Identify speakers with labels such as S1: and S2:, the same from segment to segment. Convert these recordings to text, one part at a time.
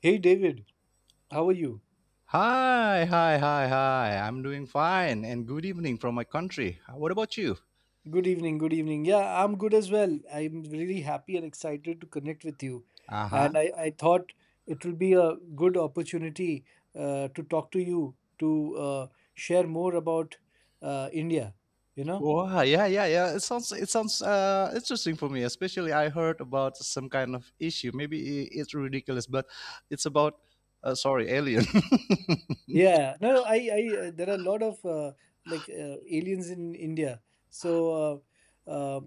S1: Hey David, how are you?
S2: Hi, hi, hi, hi. I'm doing fine and good evening from my country. What about you?
S1: Good evening, good evening. Yeah, I'm good as well. I'm really happy and excited to connect with you.
S2: Uh-huh.
S1: And I thought it will be a good opportunity to talk to you to share more about India, you know?
S2: Wow, yeah, yeah, yeah. It sounds interesting for me, especially I heard about some kind of issue. Maybe it's ridiculous, but it's about sorry, alien.
S1: Yeah, no, I, there are a lot of like aliens in India. So, uh, uh,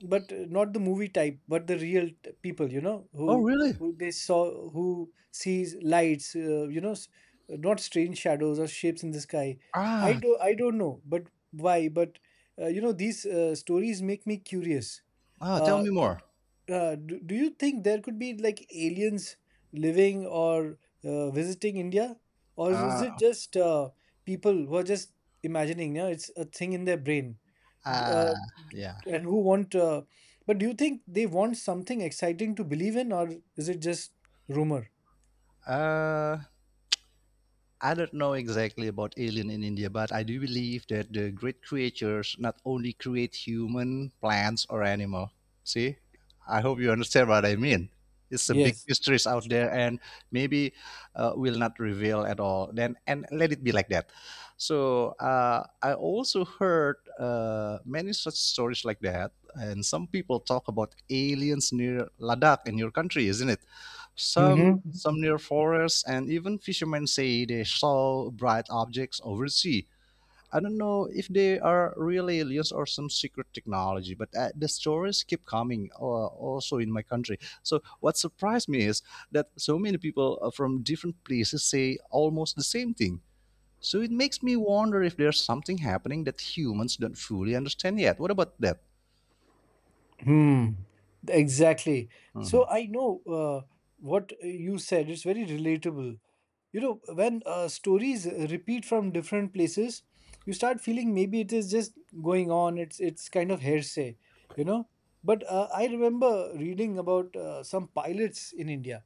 S1: but not the movie type, but the real people,
S2: Oh,
S1: who
S2: really?
S1: who they saw, who sees lights, not strange shadows or shapes in the sky. I
S2: Ah,
S1: do, I don't know, but why? But these stories make me curious.
S2: ah, tell
S1: Uh,
S2: me more.
S1: do you think there could be like aliens living or visiting India? Or is it
S2: Uh,
S1: just people who are just imagining? Yeah, it's a thing in their brain. D-
S2: uh
S1: Uh, d-
S2: yeah.
S1: and who want, but do you think they want something exciting to believe in, or is it just rumor?
S2: Uh I don't know exactly about alien in India, but I do believe that the great creatures not only create human, plants, or animal. See, I hope you understand what I mean. It's a big
S1: Yes.
S2: mysteries out there, and maybe will not reveal at all. Then and let it be like that. So I also heard many such stories like that, and some people talk about aliens near Ladakh in your country, isn't it?
S1: Mm-hmm.
S2: Some near forests, and even fishermen say they saw bright objects over sea. I don't know if they are real aliens or some secret technology, but the stories keep coming also in my country. So, what surprised me is that so many people from different places say almost the same thing. So, it makes me wonder if there's something happening that humans don't fully understand yet. What about that?
S1: Hmm. Exactly. So
S2: Hmm.
S1: I know uh, what you said. It's very relatable. When stories repeat from different places, you start feeling maybe it is just going on. It's kind of hearsay. You know but uh, i remember reading about some pilots in India,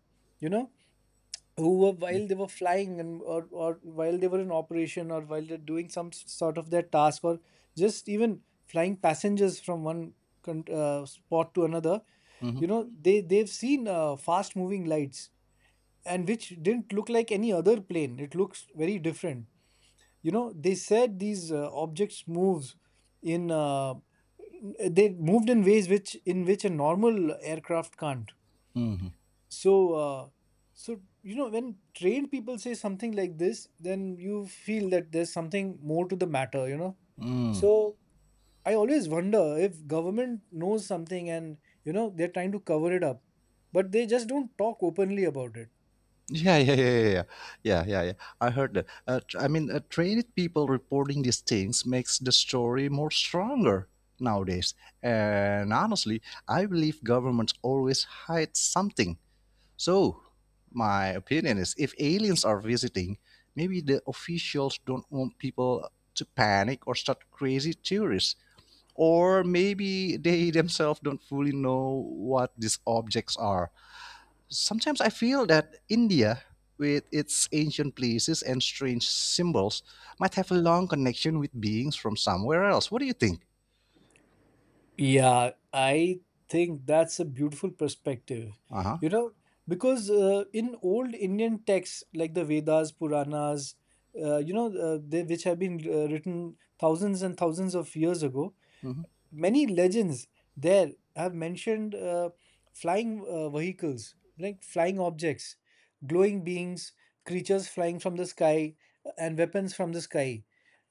S1: you know who were, while they were flying, or while they were in operation, or while they're doing some sort of their task, or just even flying passengers from one spot to another.
S2: Hmm.
S1: You know they they've seen fast moving lights, and which didn't look like any other plane. It looks very different. They said these objects moves in they moved in ways which in which a normal aircraft can't. So uh, when trained people say something like this, then you feel that there's something more to the matter. So I always wonder if government knows something, and they're trying to cover it up, but they just don't talk openly about it.
S2: Yeah, yeah, yeah, yeah, yeah, yeah, yeah, yeah. I heard that. I mean, trained people reporting these things makes the story more stronger nowadays. And honestly, I believe governments always hide something. So, my opinion is, if aliens are visiting, maybe the officials don't want people to panic or start crazy theories, or maybe they themselves don't fully know what these objects are. Sometimes I feel that India, with its ancient places and strange symbols, might have a long connection with beings from somewhere else. What do you think?
S1: Yeah, I think that's a beautiful perspective.
S2: Uh huh.
S1: You know, because in old Indian texts like the Vedas, Puranas, which have been written thousands and thousands of years ago,
S2: Hmm.
S1: many legends there have mentioned flying vehicles, like flying objects, glowing beings, creatures flying from the sky, and weapons from the sky.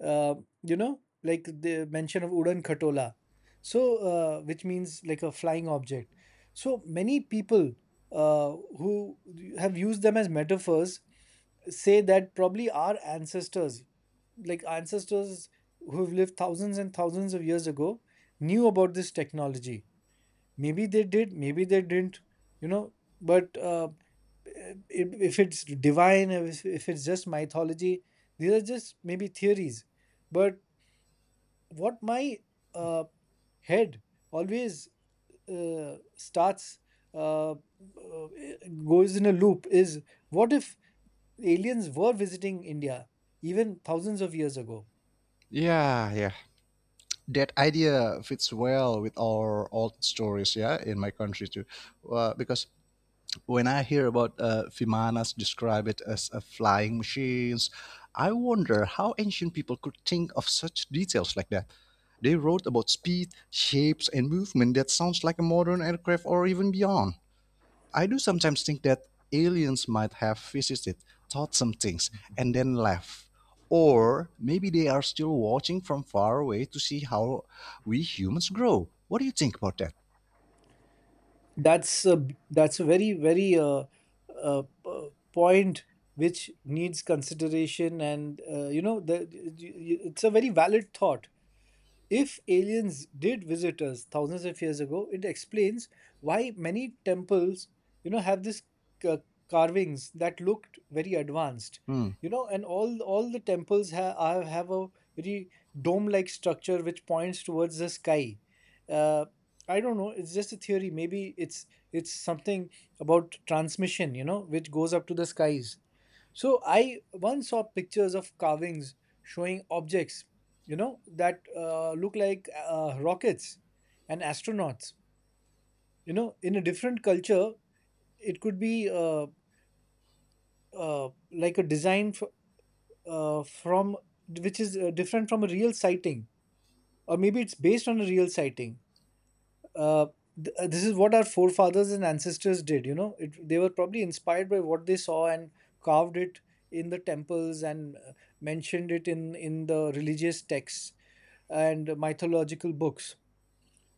S1: Uh, like the mention of Udan Khatola, so which means like a flying object. So many people uh, who have used them as metaphors say that probably our ancestors, like ancestors who've lived thousands and thousands of years ago, knew about this technology. Maybe they did, maybe they didn't, you know but if it's divine, if it's just mythology, these are just maybe theories. But what my uh, head always starts uh, uh, goes in a loop is, what if aliens were visiting India even thousands of years ago?
S2: Yeah, yeah. That idea fits well with our old stories, yeah, in my country too, because when I hear about Vimanas describe it as flying machines, I wonder how ancient people could think of such details like that. They wrote about speed, shapes, and movement that sounds like a modern aircraft or even beyond. I do sometimes think that aliens might have visited, taught some things, and then left. Or maybe they are still watching from far away to see how we humans grow. What do you think about that?
S1: That's a that's a very very point which needs consideration, and it's a very valid thought. If aliens did visit us thousands of years ago, it explains why many temples, have this ca- carvings that looked very advanced.
S2: Hmm.
S1: And all the temples have a very dome-like structure which points towards the sky. Uh, I don't know. It's just a theory. Maybe it's something about transmission. Which goes up to the skies. So I once saw pictures of carvings showing objects, that look like rockets and astronauts. In a different culture, it could be like a design f- from which is different from a real sighting, or maybe it's based on a real sighting. uh, this is what our forefathers and ancestors did. They were probably inspired by what they saw and carved it in the temples, and mentioned it in the religious texts and mythological books.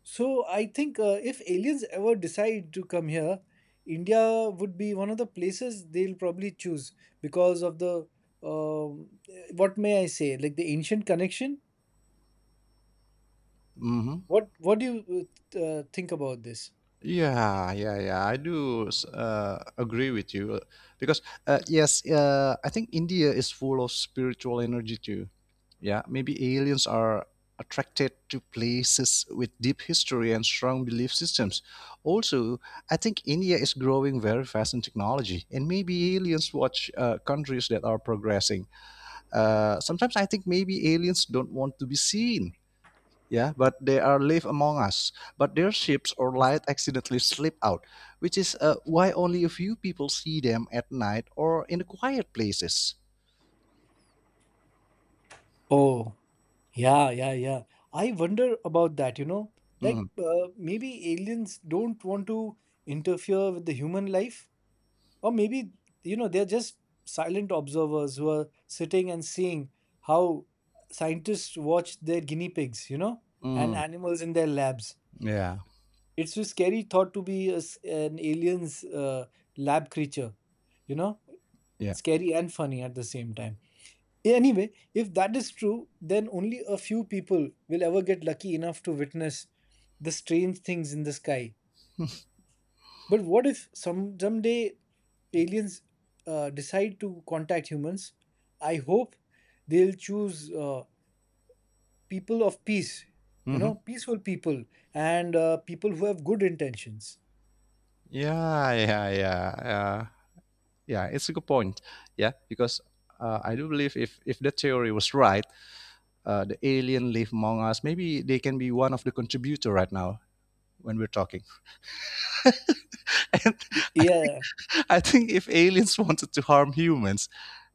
S1: So I think if aliens ever decide to come here, India would be one of the places they'll probably choose because of the um what may I say, like the ancient connection.
S2: Hmm.
S1: What do you think about this?
S2: Yeah, yeah, yeah. Agree with you because yes, I think India is full of spiritual energy too. Yeah, maybe aliens are attracted to places with deep history and strong belief systems. Also, I think India is growing very fast in technology, and maybe aliens watch countries that are progressing. Sometimes I think maybe aliens don't want to be seen, yeah, but they are live among us. But their ships or light accidentally slip out, which is why only a few people see them at night or in the quiet places.
S1: Oh. Yeah, yeah, yeah. I wonder about that, like
S2: Hmm.
S1: maybe aliens don't want to interfere with the human life, or maybe, they're just silent observers who are sitting and seeing how scientists watch their guinea pigs, and
S2: Hmm.
S1: animals in their labs.
S2: Yeah,
S1: It's a scary thought to be a s an alien's lab creature, you know,
S2: yeah.
S1: scary and funny at the same time. Yeah, anyway, if that is true, then only a few people will ever get lucky enough to witness the strange things in the sky. But what if someday aliens decide to contact humans? I hope they'll choose people of peace,
S2: Hmm.
S1: peaceful people, and people who have good intentions.
S2: Yeah, yeah, yeah. Yeah, it's a good point. Yeah, because I do believe if the theory was right, the alien live among us, maybe they can be one of the contributor right now when we're talking. And I think,
S1: Yeah,
S2: I think if aliens wanted to harm humans,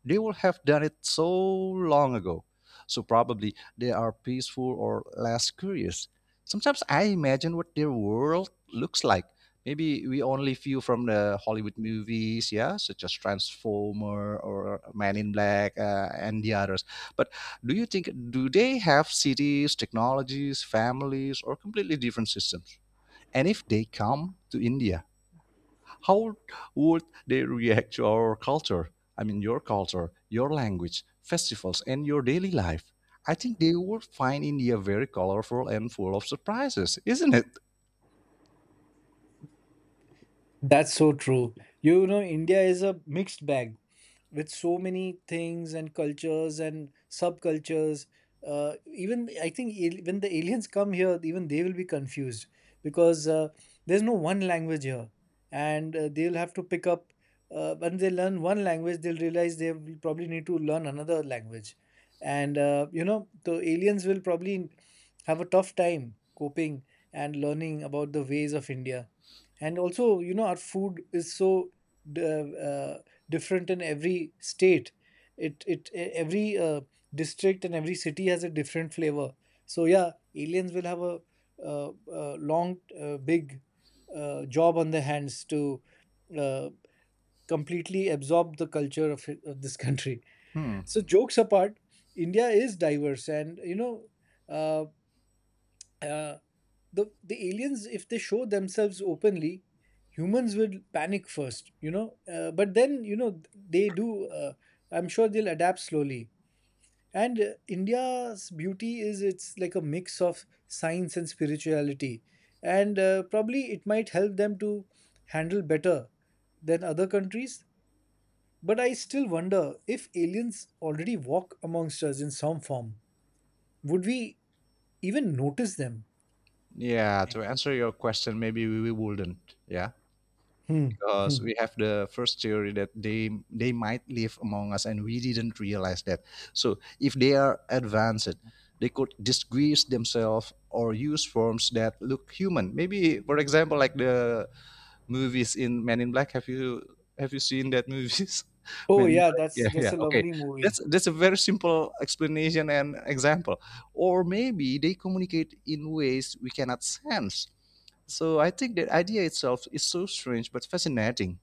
S2: they would have done it so long ago. So probably they are peaceful or less curious. Sometimes I imagine what their world looks like. Maybe we only view from the Hollywood movies, yeah, such as Transformer or Man in Black and the others. But do you think do they have cities, technologies, families, or completely different systems? And if they come to India, how would they react to our culture? I mean, your culture, your language, festivals, and your daily life. I think they would find India very colorful and full of surprises, isn't it?
S1: that's so true. India is a mixed bag, with so many things and cultures and subcultures. Even I think when the aliens come here, even they will be confused, because there's no one language here, and they'll have to pick up. When they learn one language, they'll realize they will probably need to learn another language, and the aliens will probably have a tough time coping and learning about the ways of India. And also, our food is so d- uh, different in every state. Every district and every city has a different flavor. So yeah, aliens will have a long, big job on their hands to uh, completely absorb the culture of this country.
S2: Hmm.
S1: So jokes apart, India is diverse, and. Uh, uh, the aliens, if they show themselves openly, humans will panic first. But then you know they do I'm sure they'll adapt slowly. And India's beauty is it's like a mix of science and spirituality, and probably it might help them to handle better than other countries. But I still wonder, if aliens already walk amongst us in some form, would we even notice them?
S2: Yeah, to answer your question, maybe we wouldn't. Yeah,
S1: Hmm.
S2: because we have the first theory that they might live among us and we didn't realize that. So if they are advanced, they could disguise themselves or use forms that look human. Maybe, for example, like the movies in Men in Black. Have you seen that movies?
S1: Oh
S2: Men in
S1: yeah,
S2: Black.
S1: that's
S2: Yeah,
S1: that's
S2: yeah.
S1: a
S2: Okay,
S1: lovely movie.
S2: that's a very simple explanation and example. Or maybe they communicate in ways we cannot sense. So I think the idea itself is so strange but fascinating.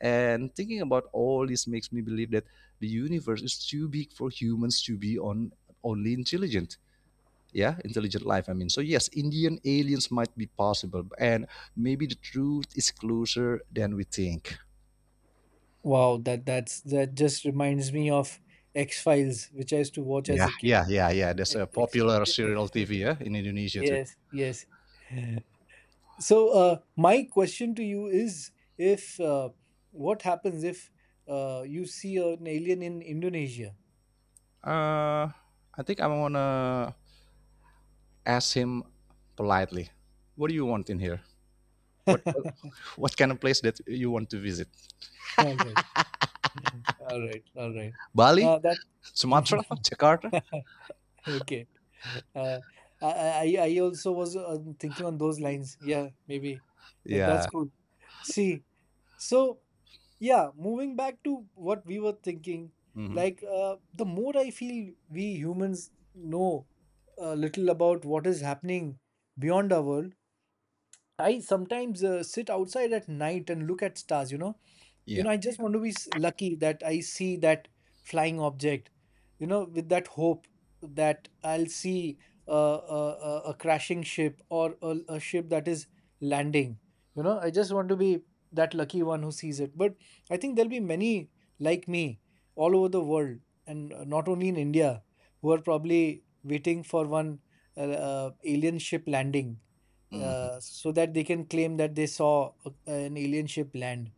S2: And thinking about all this makes me believe that the universe is too big for humans to be on only intelligent, yeah, intelligent life, I mean. So yes, Indian aliens might be possible, and maybe the truth is closer than we think.
S1: Wow, that that's that just reminds me of X Files, which I used to watch as
S2: Yeah,
S1: a kid.
S2: yeah, yeah, yeah, there's
S1: X,
S2: a
S1: X-
S2: popular serial TV, yeah, in Indonesia too.
S1: yes, yes. So my question to you is, if what happens if you see an alien in Indonesia?
S2: uh I think I'm gonna ask him politely, what do you want in here?
S1: All
S2: what what, what kind of place that you want to visit?
S1: right, all right, all right.
S2: Bali,
S1: That.
S2: Sumatra, Jakarta.
S1: Okay. Uh, I, I, I also was thinking on those lines. Yeah, maybe. But that's
S2: Yeah.
S1: cool. See, so yeah, moving back to what we were thinking,
S2: Hmm.
S1: like the more I feel we humans know a little about what is happening beyond our world. I sometimes sit outside at night and look at stars, you know you
S2: Yeah.
S1: know i just want to be lucky that I see that flying object, with that hope that I'll see a, a, a crashing ship, or a ship that is landing. I just want to be that lucky one who sees it, but I think there'll be many like me all over the world, and not only in India, who are probably waiting for one alien ship landing,
S2: Hmm.
S1: so that they can claim that they saw an alien ship land.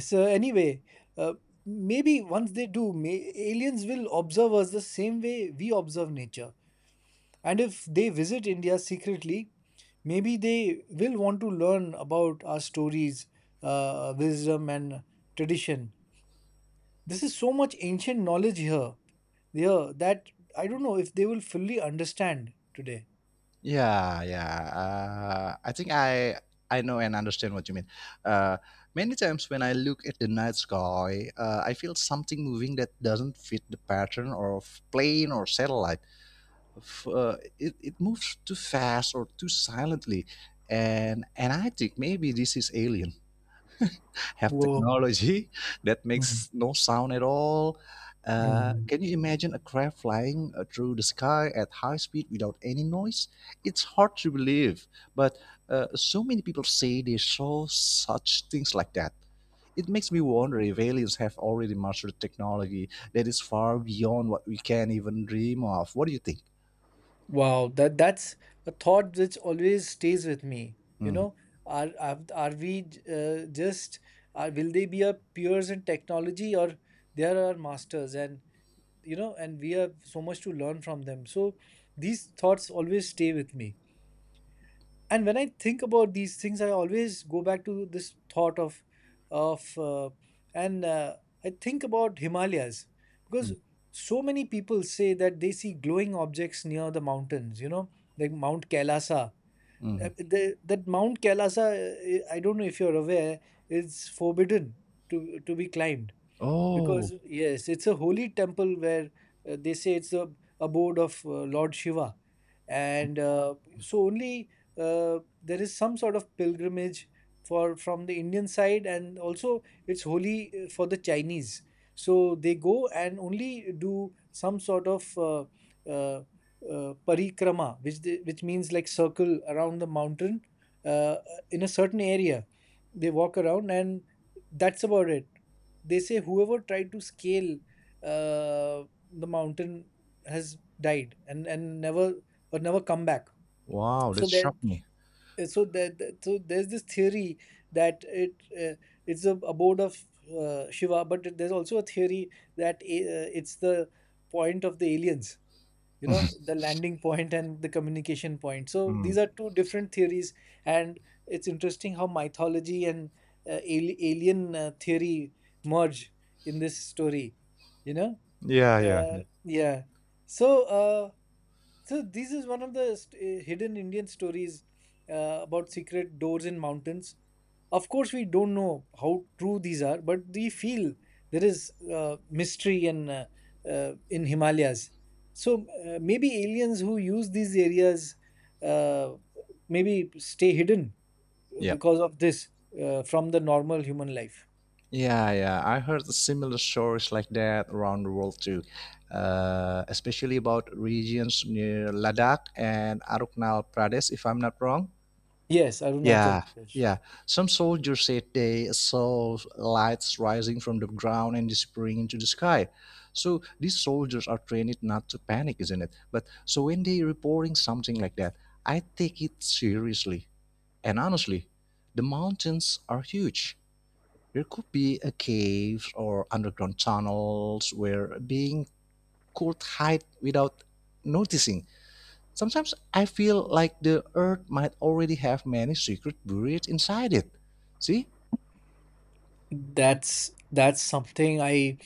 S1: So anyway, uh, maybe once they do, aliens will observe us the same way we observe nature. And if they visit India secretly, maybe they will want to learn about our stories, wisdom, and tradition. This is so much ancient knowledge here that I don't know if they will fully understand today.
S2: Yeah, yeah. I think I know and understand what you mean. Uh, many times when I look at the night sky, I feel something moving that doesn't fit the pattern of plane or satellite. It moves too fast or too silently, and I think maybe this is alien have
S1: Whoa.
S2: technology that
S1: Mhm.
S2: makes no sound at all.
S1: Mhm.
S2: Can you imagine a craft flying through the sky at high speed without any noise? It's hard to believe, but so many people say they saw such things like that. It makes me wonder if aliens have already mastered technology that is far beyond what we can even dream of. What do you think?
S1: Wow, that that's a thought which always stays with me. You
S2: Mhm,
S1: know, are we just are will they be our peers in technology, or they are our masters, and and we have so much to learn from them. So these thoughts always stay with me. And when I think about these things, I always go back to this thought of, and I think about Himalayas, because
S2: mhm,
S1: so many people say that they see glowing objects near the mountains. Like Mount Kailasa.
S2: mhm.
S1: That Mount Kailasa, I don't know if you're aware, is forbidden to be climbed,
S2: Oh,
S1: because yes, it's a holy temple where they say it's a abode of Lord Shiva, and so only there is some sort of pilgrimage for from the Indian side, and also it's holy for the Chinese. So they go and only do some sort of uh, parikrama, which means like circle around the mountain uh, uh, in a certain area. They walk around, and that's about it. They say whoever tried to scale the mountain has died and never come back.
S2: wow,
S1: So
S2: that
S1: there,
S2: shocked me.
S1: so there, so there's this theory that it's the abode of Shiva, but there's also a theory that it's the point of the aliens. You know, the landing point and the communication point. So
S2: Hmm.
S1: these are two different theories, and it's interesting how mythology and alien theory merge in this story. You know,
S2: Yeah, yeah,
S1: yeah. So. Uh, so this is one of the hidden Indian stories about secret doors in mountains. Of course, we don't know how true these are, but we feel there is mystery in Himalayas. So maybe aliens who use these areas uh, maybe stay hidden
S2: yeah.
S1: because of this from the normal human life.
S2: Yeah, yeah. I heard similar stories like that around the world too, especially about regions near Ladakh and Arunachal Pradesh, if I'm not wrong.
S1: Yes, Arunachal
S2: Yeah,
S1: Pradesh.
S2: yeah. Some soldiers said they saw lights rising from the ground and disappearing into the sky. So these soldiers are trained not to panic, isn't it? But so when they reporting something like that, I take it seriously. And honestly, the mountains are huge, there could be a cave or underground tunnels where being could hide without noticing. Sometimes I feel like the earth might already have many secrets buried inside it. See?
S1: That's something i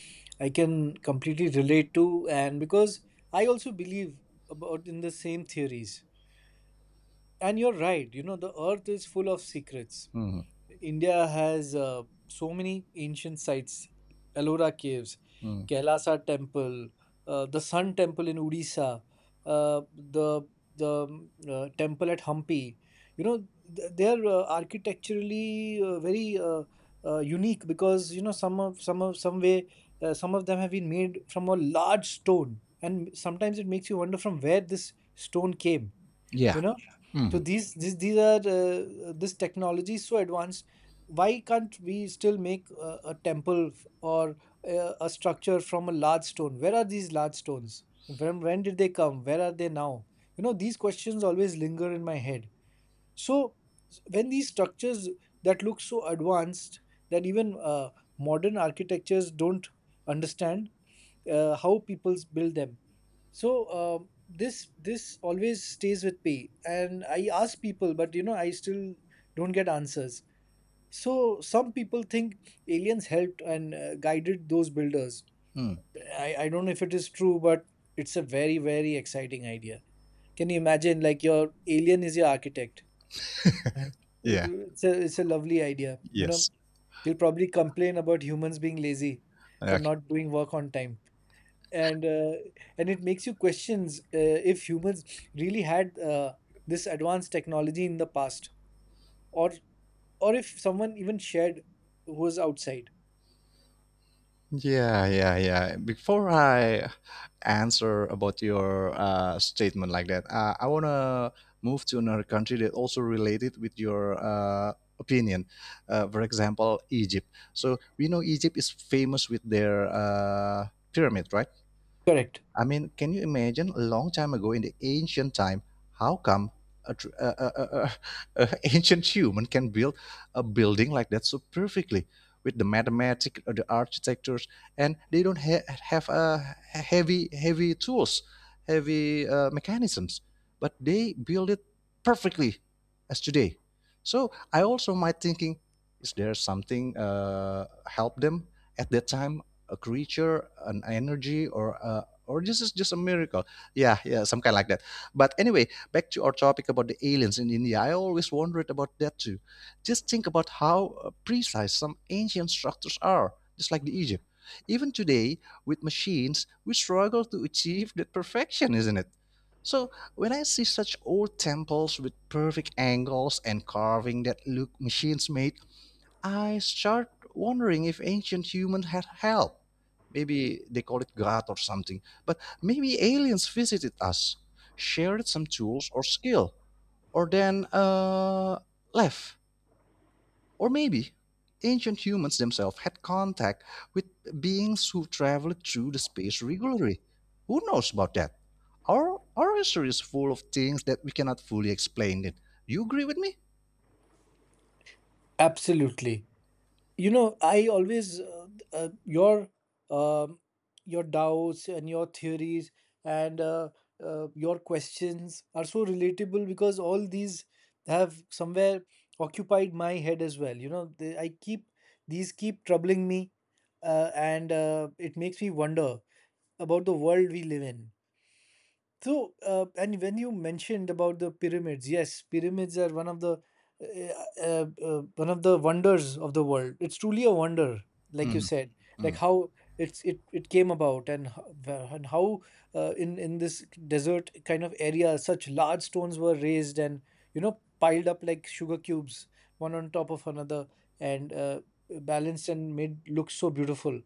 S1: i can completely relate to, and because I also believe about in the same theories, and you're right. You know, the earth is full of secrets.
S2: Hmm,
S1: India has so many ancient sites: Ellora Caves,
S2: hmm.
S1: Kailasa Temple, the Sun Temple in Odisha, uh, the the temple at Hampi. You know, they are architecturally very unique, because you know some of them have been made from a large stone, and sometimes it makes you wonder from where this stone came. You
S2: Yeah.
S1: know,
S2: Hmm,
S1: so these are this technology is so advanced. Why can't we still make a temple or a structure from a large stone? Where are these large stones? When did they come? Where are they now? You know, these questions always linger in my head. So when these structures that look so advanced, that even modern architectures don't understand how people build them. So this always stays with me, and I ask people, but you know, I still don't get answers. So some people think aliens helped and guided those builders.
S2: hmm.
S1: I don't know if it is true, but it's a very, very exciting idea. Can you imagine, like, your alien is your architect, right? it's,
S2: Yeah.
S1: it's a it's a lovely idea, you know.
S2: Yes.
S1: He'll probably complain about humans being lazy for
S2: Okay.
S1: not doing work on time. And uh, and it makes you questions if humans really had this advanced technology in the past, or or if someone even shared, who was outside.
S2: Yeah, yeah, yeah. Before I answer about your statement like that, I wanna move to another country that also related with your opinion. For example, Egypt. So we know Egypt is famous with their pyramid, right?
S1: Correct.
S2: I mean, can you imagine a long time ago in the ancient time, how come a, tr- a ancient human can build a building like that so perfectly with the mathematics, the architectures, and they don't have heavy heavy tools, heavy mechanisms, but they build it perfectly as today. So I also might thinking, is there something help them at that time? A creature, an energy, or a, or this is just a miracle, yeah, yeah, some kind like that. But anyway, back to our topic about the aliens in India, I always wondered about that too. Just think about how precise some ancient structures are, just like the Egypt. Even today with machines we struggle to achieve that perfection, isn't it? So when I see such old temples with perfect angles and carving that look machines made, I start wondering if ancient humans had help. Maybe they call it God or something. But maybe aliens visited us, shared some tools or skill, or then left. Or maybe ancient humans themselves had contact with beings who traveled through the space regularly. Who knows about that? Our history is full of things that we cannot fully explain it. You agree with me?
S1: Absolutely. You know, I always uh, your um, your doubts and your theories and your questions are so relatable, because all these have somewhere occupied my head as well. You know, I keep, these keep troubling me. And It makes me wonder about the world we live in. So, and when you mentioned about the pyramids, yes, pyramids are one of the wonders of the world. It's truly a wonder, like you said,
S2: Hmm.
S1: like how it came about, and how in this desert kind of area, such large stones were raised and you know piled up like sugar cubes, one on top of another, and balanced and made look so beautiful.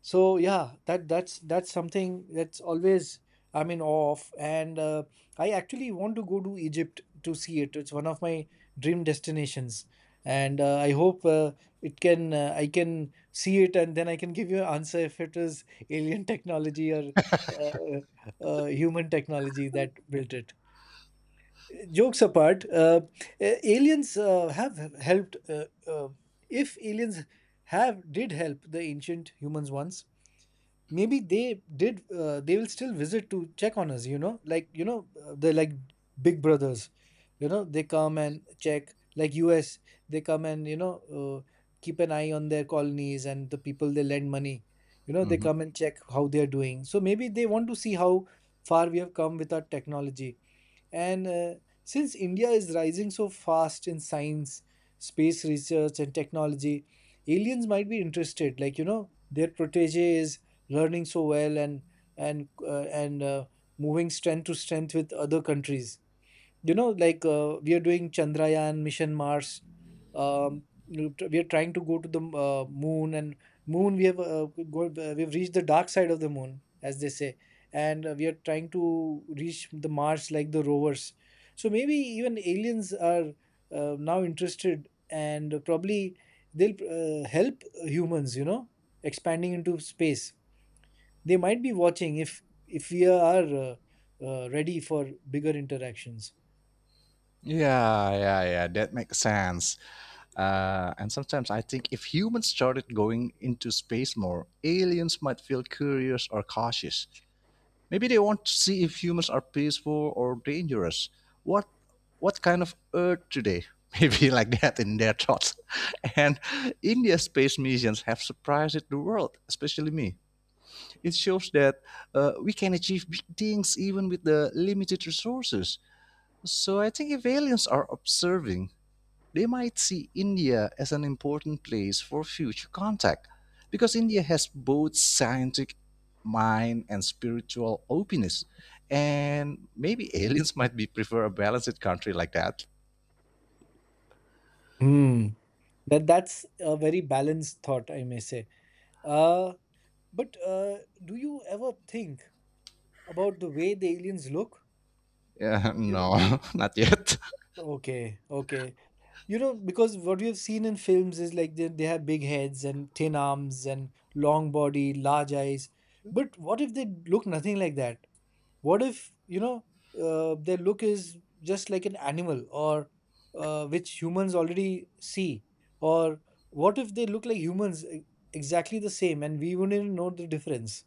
S1: So yeah, that's something that's always I'm in awe of, and I actually want to go to Egypt to see it. It's one of my dream destinations, and I hope it can I can see it, and then I can give you an answer if it is alien technology or human technology that built it. Jokes apart, aliens have helped. If aliens have did help the ancient humans once, maybe they did they will still visit to check on us. You know, like, you know, they're like big brothers, you know. They come and check like us. They come, and you know, keep an eye on their colonies and the people they lend money. You know, they come and check how they are doing. So maybe they want to see how far we have come with our technology, and since India is rising so fast in science, space research, and technology, aliens might be interested. Like, you know, their protege is learning so well, and moving strength to strength with other countries. You know, like, we are doing chandrayaan mission mars. You We are trying to go to the moon, and moon we have we've reached the dark side of the moon, as they say. And we are trying to reach the mars, like the rovers. So maybe even aliens are now interested, and probably they'll help humans, you know, expanding into space. They might be watching if we are ready for bigger interactions.
S2: Yeah, yeah, yeah. That makes sense. And sometimes I think if humans started going into space more, aliens might feel curious or cautious. Maybe they want to see if humans are peaceful or dangerous. What what kind of Earth today? Maybe like that in their thoughts. And India's space missions have surprised the world, especially me. It shows that we can achieve big things even with the limited resources. So I think if aliens are observing, they might see India as an important place for future contact because India has both scientific mind and spiritual openness. And maybe aliens might be prefer a balanced country like that.
S1: Hmm. That's a very balanced thought, I may say. Uh, but do you ever think about the way the aliens look?
S2: Yeah,
S1: You know,
S2: no, not yet.
S1: okay, okay. You know, because what we have seen in films is like, they have big heads and thin arms and long body, large eyes. But what if they look nothing like that? What if, you know, their look is just like an animal, or which humans already see? Or what if they look like humans exactly the same, and we wouldn't even know the difference?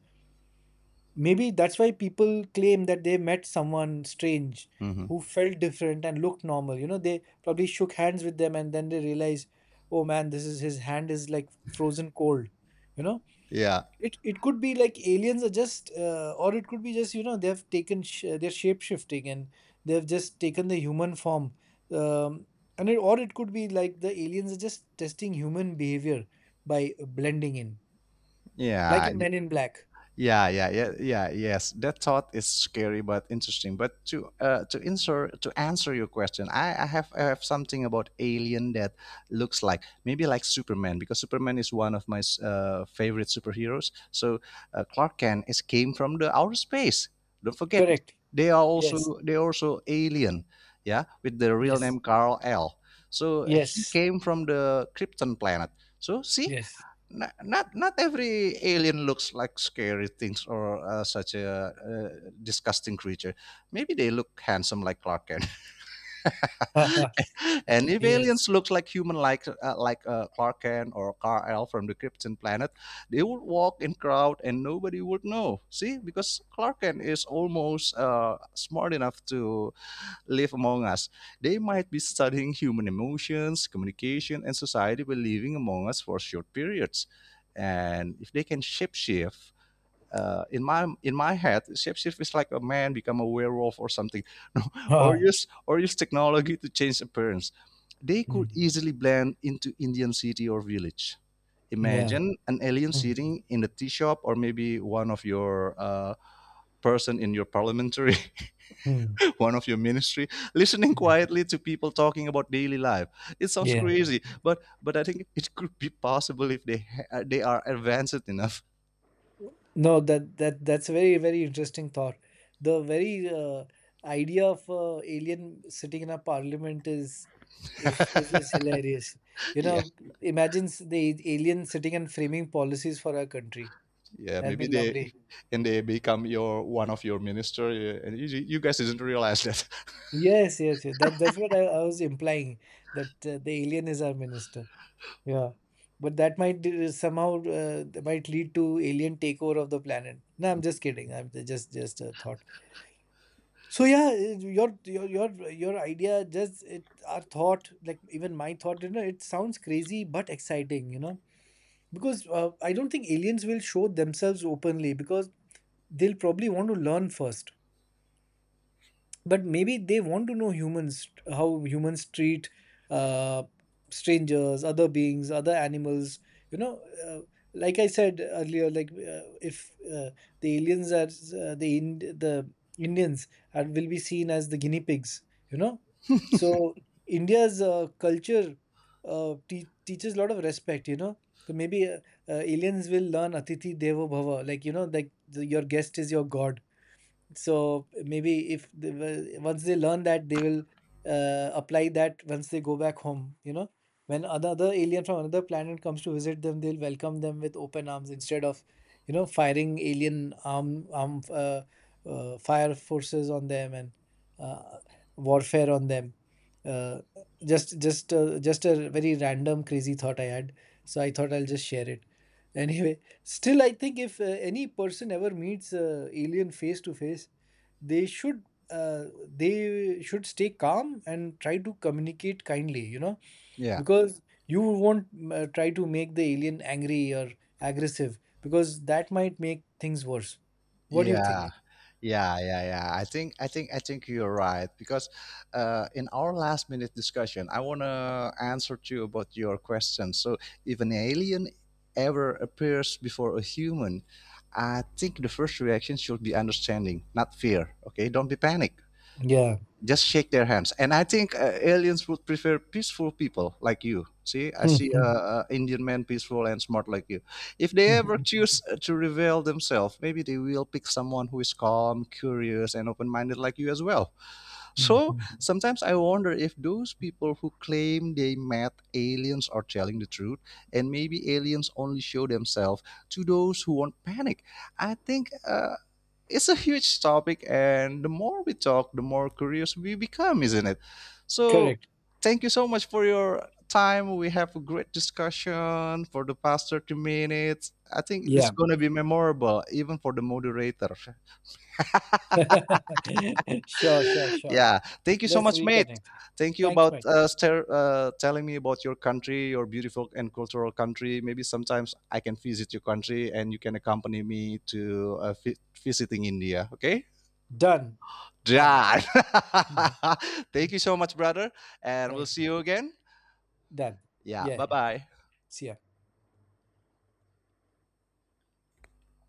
S1: Maybe that's why people claim that they met someone strange
S2: Mhm.
S1: who felt different and looked normal. You know, they probably shook hands with them, and then they realize, oh man, this is his hand is like frozen cold, you know.
S2: Yeah.
S1: It could be like aliens are just or it could be just, you know, they've taken they're shape shifting, and they've just taken the human form. um, and it, or it could be like the aliens are just testing human behavior by blending in, like
S2: Yeah.
S1: in Men in Black.
S2: Yeah, yeah, yeah, yeah, yes. That thought is scary but interesting. But to to answer your question, I have something about alien that looks like maybe like Superman, because Superman is one of my favorite superheroes. So Clark Kent is came from the outer space. Don't forget,
S1: Correct.
S2: they are
S1: Yes,
S2: also, they are also alien. Yeah, with the real
S1: yes,
S2: name Carl L. So he
S1: yes,
S2: came from the Krypton planet. So see,
S1: yes.
S2: not every alien looks like scary things or such a disgusting creature. Maybe they look handsome like Clark Kent, and if
S1: yes.
S2: aliens look like human like Clark Kent or Kal-El from the Krypton planet, they would walk in crowd and nobody would know. See, because Clark Kent is almost smart enough to live among us. They might be studying human emotions, communication, and society by living among us for short periods. And if they can shapeshift, in my head, shapeshift is like a man become a werewolf or something, or
S1: Ah,
S2: use technology to change appearance. They could
S1: mm,
S2: easily blend into Indian city or village.
S1: yeah.
S2: Imagine an alien
S1: Mm,
S2: sitting in the tea shop, or maybe one of your person in your parliamentary,
S1: mm,
S2: one of your ministry, listening
S1: mm.
S2: quietly to people talking about daily life. It sounds
S1: Yeah.
S2: crazy, but I think it could be possible if they are advanced enough.
S1: No, that's a very, very interesting thought. The very idea of alien sitting in a parliament is is is is hilarious. You
S2: Yeah,
S1: know, imagine alien sitting and framing policies for our country.
S2: yeah,
S1: That'll be
S2: maybe they.
S1: lovely.
S2: And they become your one of your minister, and you guys didn't realize that.
S1: Yes, yes, yes. That that's what I was implying, that the alien is our minister. Yeah, but that might somehow that might lead to alien takeover of the planet. No, I'm just kidding. I'm just a thought. So yeah, your idea just it our thought like even my thought, you know, it sounds crazy but exciting, you know, because I don't think aliens will show themselves openly, because they'll probably want to learn first. But maybe they want to know humans, how humans treat uh, strangers, other beings, other animals, you know. uh, like I said earlier, like, if the aliens are the Ind- the indians will be seen as the guinea pigs, you know. So india's culture teaches a lot of respect, you know. So maybe aliens will learn atithi deva bhava, like, you know, like your guest is your god. So maybe if they will, once they learn that, they will apply that once they go back home. You know, when another alien from another planet comes to visit them, they'll welcome them with open arms instead of, you know, firing alien arm arm fire forces on them, and uh, warfare on them. Uh, just a very random crazy thought I had, so I thought I'll just share it. Anyway, still, I think if any person ever meets alien face to face, they should they should stay calm and try to communicate kindly. You know,
S2: Yeah.
S1: because you won't try to make the alien angry or aggressive, because that might make things worse. What do you
S2: Yeah,
S1: think?
S2: yeah, yeah, yeah. I think you're right, because in our last minute discussion, I wanna answer to you about your question. So if an alien ever appears before a human, I think the first reaction should be understanding, not fear. Okay, don't be panic,
S1: Yeah.
S2: just shake their hands. And I think aliens would prefer peaceful people like you. See, I see Indian man peaceful and smart like you. If they ever choose to reveal themselves, maybe they will pick someone who is calm, curious, and open-minded like you as well. So sometimes I wonder if those people who claim they met aliens are telling the truth, and maybe aliens only show themselves to those who won't panic. I think it's a huge topic, and the more we talk the more curious we become, isn't it? So
S1: Correct.
S2: thank you so much for your time. We have a great discussion for the past 30 minutes. I think this is
S1: Yeah.
S2: going to be memorable even for the moderator.
S1: Sure, sure, sure.
S2: Yeah, thank you so
S1: Let's
S2: much, mate.
S1: reconnect.
S2: Thank you
S1: Thanks,
S2: about
S1: mate.
S2: telling me about your country, your beautiful and cultural country. Maybe sometimes I can visit your country and you can accompany me to visiting India, okay,
S1: Done. Done.
S2: John.
S1: Mhm.
S2: Thank you so much, brother. And we'll
S1: Thank
S2: see
S1: you.
S2: you again.
S1: Done.
S2: Yeah,
S1: Yeah.
S2: bye
S1: Yeah.
S2: bye.
S1: See ya.